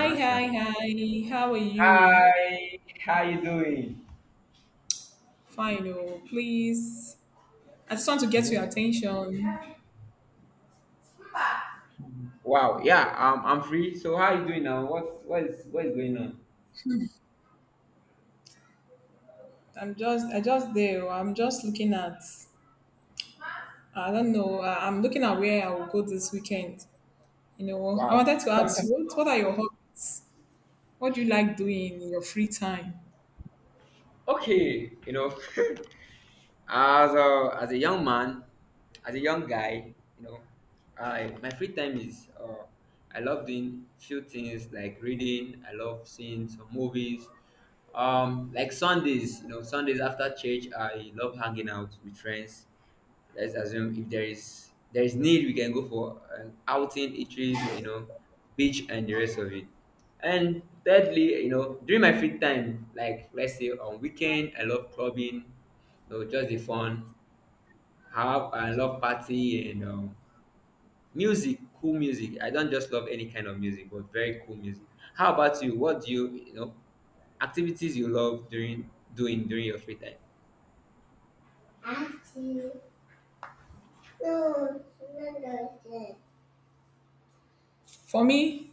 Hi, Gracias. hi, hi. How are you? Hi, how you doing? Fine, oh, please. I just want to get your attention. Wow. Yeah. I'm free. So how you doing now? What is going on? I just there. Oh, I'm just looking at. I don't know. I'm looking at where I will go this weekend. You know, I Wow. wanted to ask you, what are your hobbies? What do you like doing in your free time? Okay. You know, as a young man, as a young guy, you know, I my free time is I love doing few things like reading. I love seeing some movies. Like Sundays. You know, Sundays after church, I love hanging out with friends. Let's assume if there is need, we can go for an outing, eateries, you know, beach and the rest of it. And thirdly, you know, during my free time, like let's say on weekend, I love clubbing, you know, just the fun. Have I love party, and music, cool music. I don't just love any kind of music, but very cool music. How about you? What do you you know activities you love during doing during your free time? For me,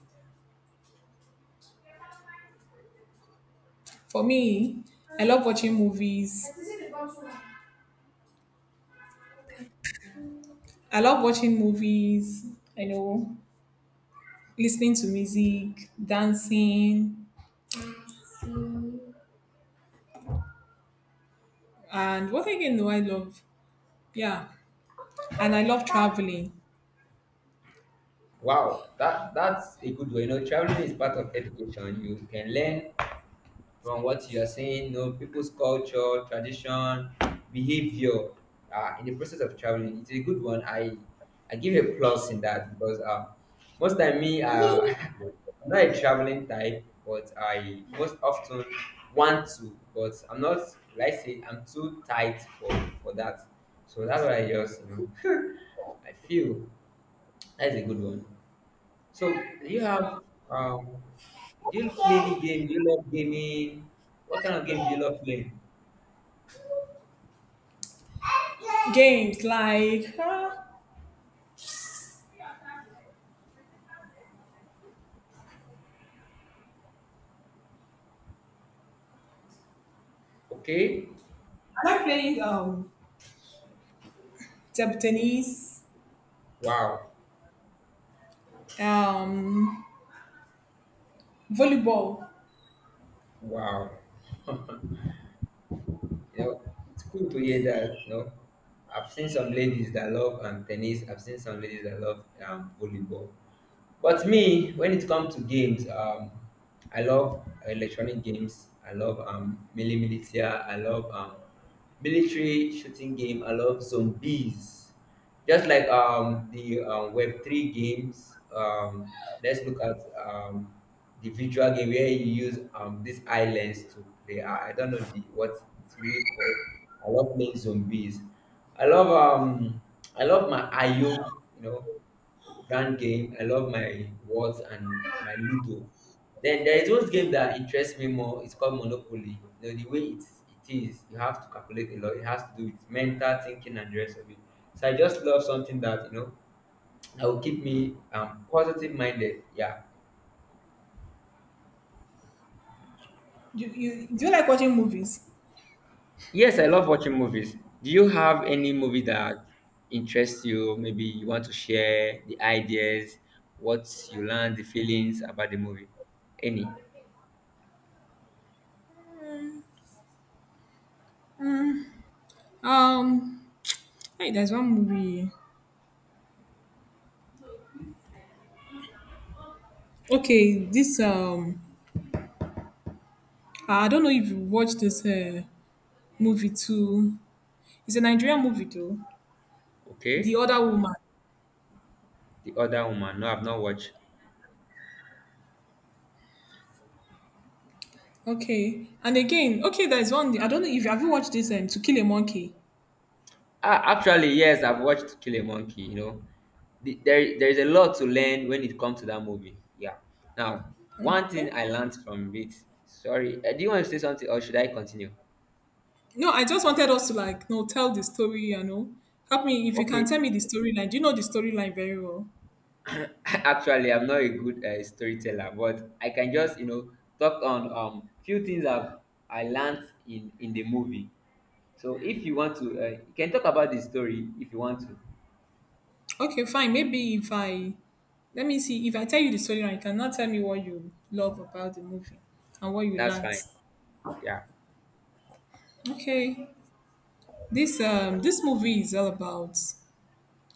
for me, I love watching movies. I love watching movies. I know. Listening to music, dancing, and what again do I love? Yeah, and I love traveling. Wow, that's a good way. You know, traveling is part of education. You can learn from what you are seeing, you know, people's culture, tradition, behavior. In the process of traveling, it's a good one. I give a plus in that, because most time me I'm not a traveling type, but I most often want to, but I'm not. Like I say, I'm too tight for that. So that's why I just, you know, I feel that's a good one. So you have um, do you play any game? Do you love gaming? What kind of game do you love playing? Games like I Okay, like playing table tennis, wow, um volleyball. wow. You know, it's cool to hear that. You know, I've seen some ladies that love tennis. I've seen some ladies that love volleyball. But me, when it comes to games, I love electronic games. I love melee militia. I love military shooting game. I love zombies. Just like the Web three games. Let's look at um, the visual game where you use these islands to play. I don't know the what it's really called. I love playing zombies. I love um, I love my IO. You know, brand game. I love my words and my Ludo. Then there is one game that interests me more. It's called Monopoly. You know, the way it is, you have to calculate a lot. It has to do with mental thinking and the rest of it. So I just love something that, you know, that will keep me positive minded. Yeah. You do you like watching movies? Yes, I love watching movies. Do you have any movie that interests you? Maybe you want to share the ideas, what you learned, the feelings about the movie? Any? Mm, um, hey, there's one movie. Okay, this I don't know if you watched this movie too. It's a Nigerian movie though. The Okay. Other Woman. The Other Woman. No, I've not watched. Okay. And again, okay, there's one. I don't know if have you watched this To Kill a Monkey. Ah, actually, yes, I've watched To Kill a Monkey. You know, there is a lot to learn when it comes to that movie. Yeah. Now, one thing Okay. I learned from it. Sorry, do you want to say something, or should I continue? No, I just wanted us to like no tell the story. You know, help me if you can Okay. tell me the storyline. Do you know the storyline very well? Actually, I'm not a good storyteller, but I can just, you know, talk on few things I learned in the movie. So if you want to, you can talk about the story if you want to. Okay, fine. Maybe if I let me see if I tell you the storyline, you cannot tell me what you love about the movie and what you That's learned. fine. Yeah. Okay, this this movie is all about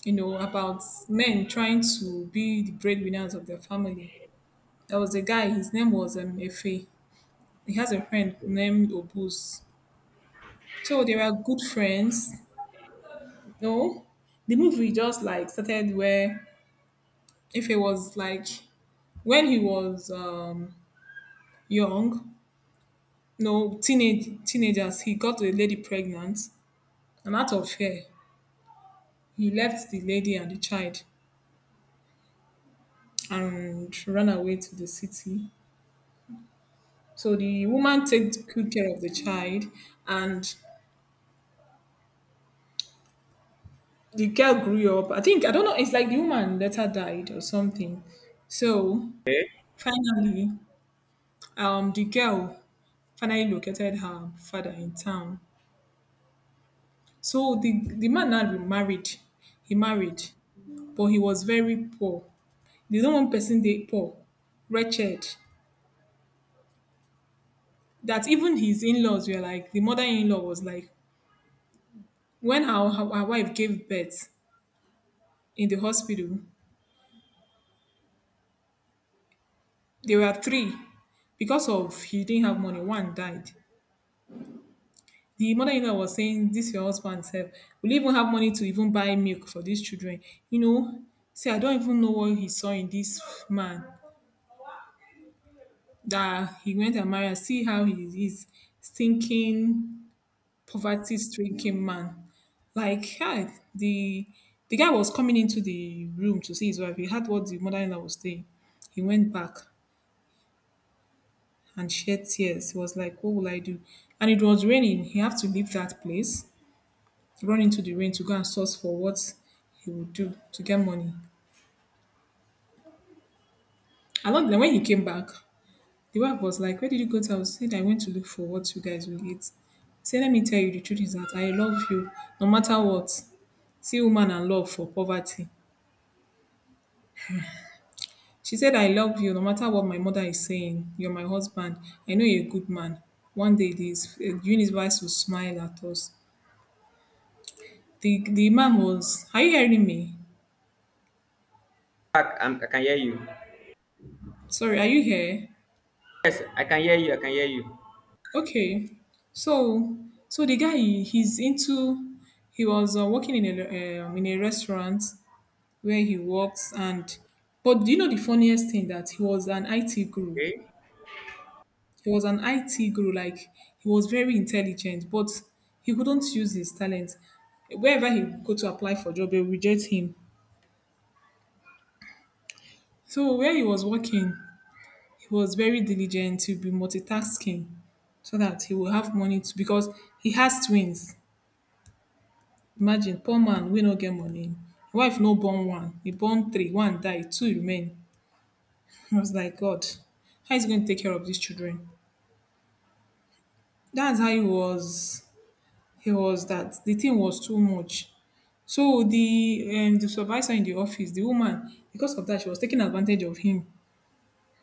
you know about men trying to be the breadwinners of their family. There was a guy, his name was Efe. He has a friend named Obus. So they were good friends. No, the movie just like started where Efe was like when he was young, no teenage teenagers, he got a lady pregnant, and out of fear, he left the lady and the child and ran away to the city. So the woman takes good care of the child, and the girl grew up. I think I don't know. It's like the woman later died or something. So finally, the girl finally located her father in town. So the man now remarried. He married, but he was very poor. The only one person they poor, wretched. That even his in-laws were like, the mother-in-law was like, when our wife gave birth in the hospital, there were three. Because of he didn't have money, one died. The mother-in-law was saying, "This your husband sef, will he even have money to even buy milk for these children? You know, see, I don't even know what he saw in this man that he went and married. See how he is, stinking, poverty-stricken man." Like, God, the guy was coming into the room to see his wife. He heard what the mother-in-law was saying. He went back and shed tears. He was like, "What will I do?" And it was raining. He had to leave that place, run into the rain to go and source for what he would do to get money. And not then when he came back, the wife was like, "Where did you go to?" I was saying, I went to look for what you guys will eat. He said, "Let me tell you the truth is that I love you no matter what." See woman and love for poverty. She said, "I love you no matter what my mother is saying. You're my husband. I know you're a good man. One day this universe will smile at us." The man was, "Are you hearing me? Back. I can hear you. Sorry, are you here?" Yes, I can hear you. I can hear you. Okay. So so the guy he's into he was working in a restaurant where he works, and but do you know the funniest thing that he was an IT guru. Okay. He was an IT guru, like he was very intelligent but he couldn't use his talent. Wherever he go to apply for job they reject him. So where he was working, he was very diligent to be multitasking so that he will have money to, because he has twins. Imagine poor man wey no get money. Im wife no born one, e born three, one die, two remain. I was like, God, how is he going to take care of these children? That's how he was that. The thing was too much. So the supervisor in the office, the woman, because of that, she was taking advantage of him.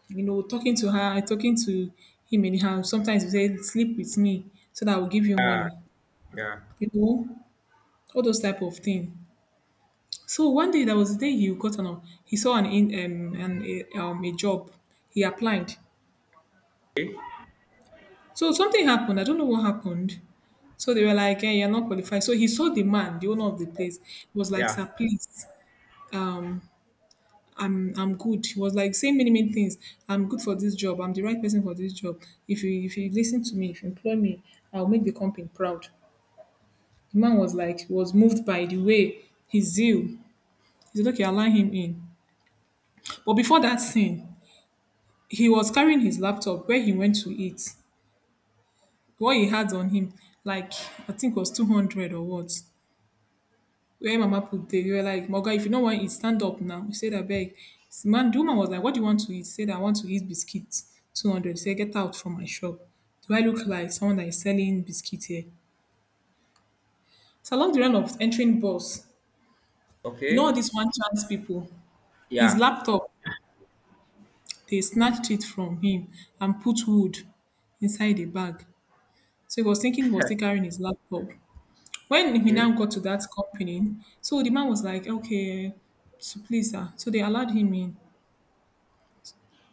You know, talking to her, talking to him anyhow. Sometimes he said, "Sleep with me so that I will give you money." Yeah. You know, all those type of thing. So one day that was the day he got an he saw an in a job. He applied. So something happened. I don't know what happened. So they were like, "Hey, you're not qualified." So he saw the man, the owner of the place. He was like, Yeah. "Sir, please, um, I'm good." He was like saying many many things. "I'm good for this job. I'm the right person for this job. If you listen to me, if you employ me, I'll make the company proud." The man was like, was moved by the way his zeal. He said, "Okay, I'll allow him in." But before that scene, he was carrying his laptop where he went to eat. What he had on him, like I think it was 200 or what, where Mama put there, they were like, "Moga, if you don't want it, stand up now." He said, "I beg." The man, the woman was like, "What do you want to eat?" He said, "I want to eat biscuits. 200." He said, "Get out from my shop. Do I look like someone that is selling biscuits here?" So along the line of entering bus, you know all Okay. these one chance people, his Yeah. laptop, they snatched it from him and put wood inside the bag. So he was thinking he was still carrying his laptop. When we Okay. now got to that company, so the man was like, "Okay, so please, sir." So they allowed him in.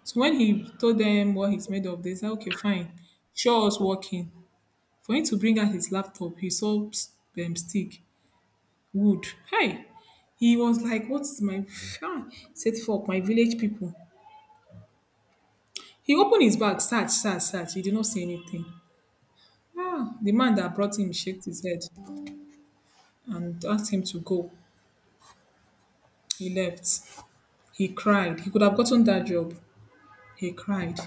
So when he told them what he's made of, they said, "Okay, fine. Show us working." For him to bring out his laptop, he saw stick, wood. Hey, he was like, "What's my, ah, set for my village people." He opened his bag, search, search, search. He did not see anything. Ah, the man that brought him shook his head and asked him to go. He left. He cried. He could have gotten that job. He cried.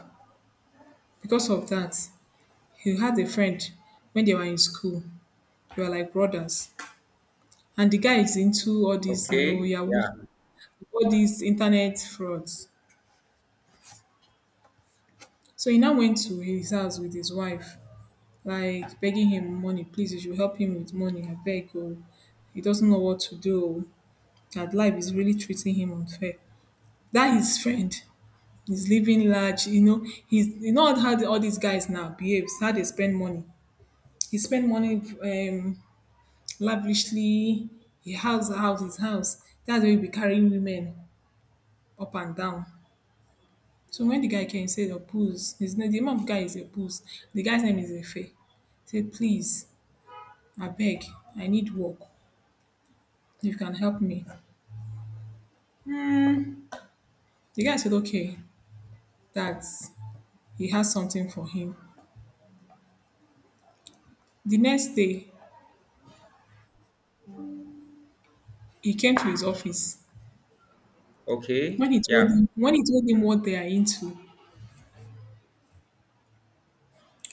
Because of that, he had a friend when they were in school. They were like brothers. And the guy is into all these, you know, Okay. Yahoo, Yeah. all these internet frauds. So he now went to his house with his wife, like begging him money, "Please, you should help him with money, I beg." Oh, he doesn't know what to do. Oh. That life is really treating him unfair. That his friend is living large, you know, he's you know how the- all these guys now behaves, how they spend money. He spend money lavishly. He house, house, his house. That's where he be carrying women up and down. So when the guy came, he said, "Opus." His name, the name of the guy is Opus. The guy's name is Efe. He said, "Please, I beg, I need work. If you can help me." The guy said, okay, that he has something for him. The next day, he came to his office. Okay. When he told Yeah. him, when he told him what they are into,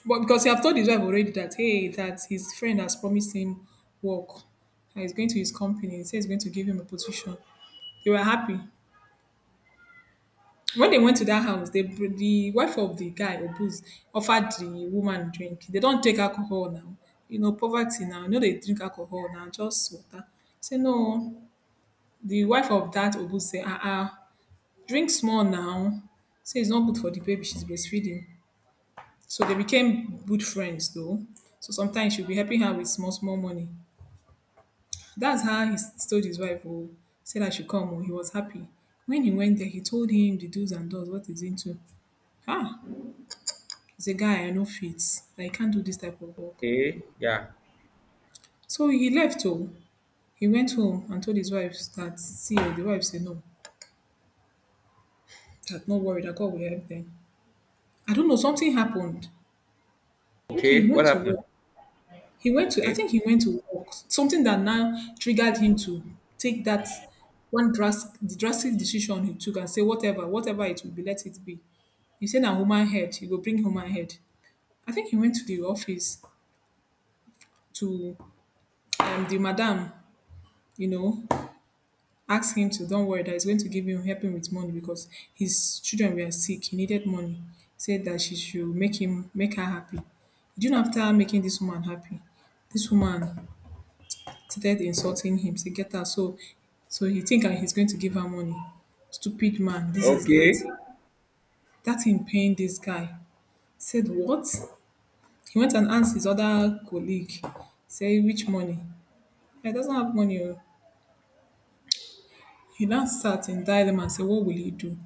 but because you have told his wife already that hey, that his friend has promised him work, and he's going to his company. He says he's going to give him a position. They were happy. When they went to that house, they the wife of the guy Obuz offered the woman drink. They don't take alcohol now. You know, poverty now. You know they drink alcohol now, just water. Say no. The wife of that Obuz say, "Ah ah, drink small now." Say it's not good for the baby. She's breastfeeding. So they became good friends though. So sometimes she'll be helping her with small, small money. That's how he told his wife, oh, said I should come. Oh, he was happy. When he went there, he told him the do's and don'ts, what he's into. Ah, he's a guy I know fits. I can't do this type of work. Okay. Yeah. So he left home. He went home and told his wife that, see, oh, the wife said no, that no worry, that God will help them. I don't know, something happened. Okay, Okay. he What went to happened? work. He went to I Okay. think he went to work, something that now triggered him to take that one drastic, the drastic decision he took and say, whatever, whatever it will be, let it be. He said na human head, he will bring human head. I think he went to the office to the madam, you know, ask him to don't worry that he's going to give him help him with money because his children were sick. He needed money. Said that she should make him make her happy. You know, after making this woman happy, this woman started insulting him, say get out. So so he think that he's going to give her money. Stupid man, this is Okay. that. That him paying this guy. Said what? He went and asked his other colleague, say which money? He doesn't have money. Oh. He now sat in dilemma and said, what will he do?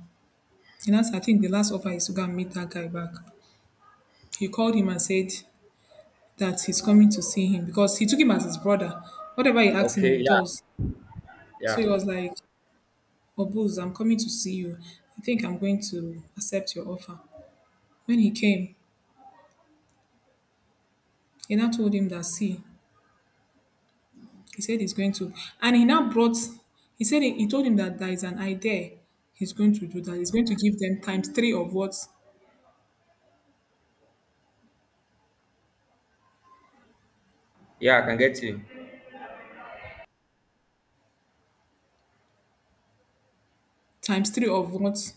And that's, I think the last offer is to go and meet that guy back. He called him and said that he's coming to see him because he took him as his brother. Whatever he asked him, he Okay. Yeah. does. So he Yeah. was like, "Oboz, I'm coming to see you. I think I'm going to accept your offer." When he came, he now told him that, see, he said he's going to, and he now brought, he said he told him that there is an idea he's going to do, that he's going to give them times three of what, Yeah. I can get you. times three of what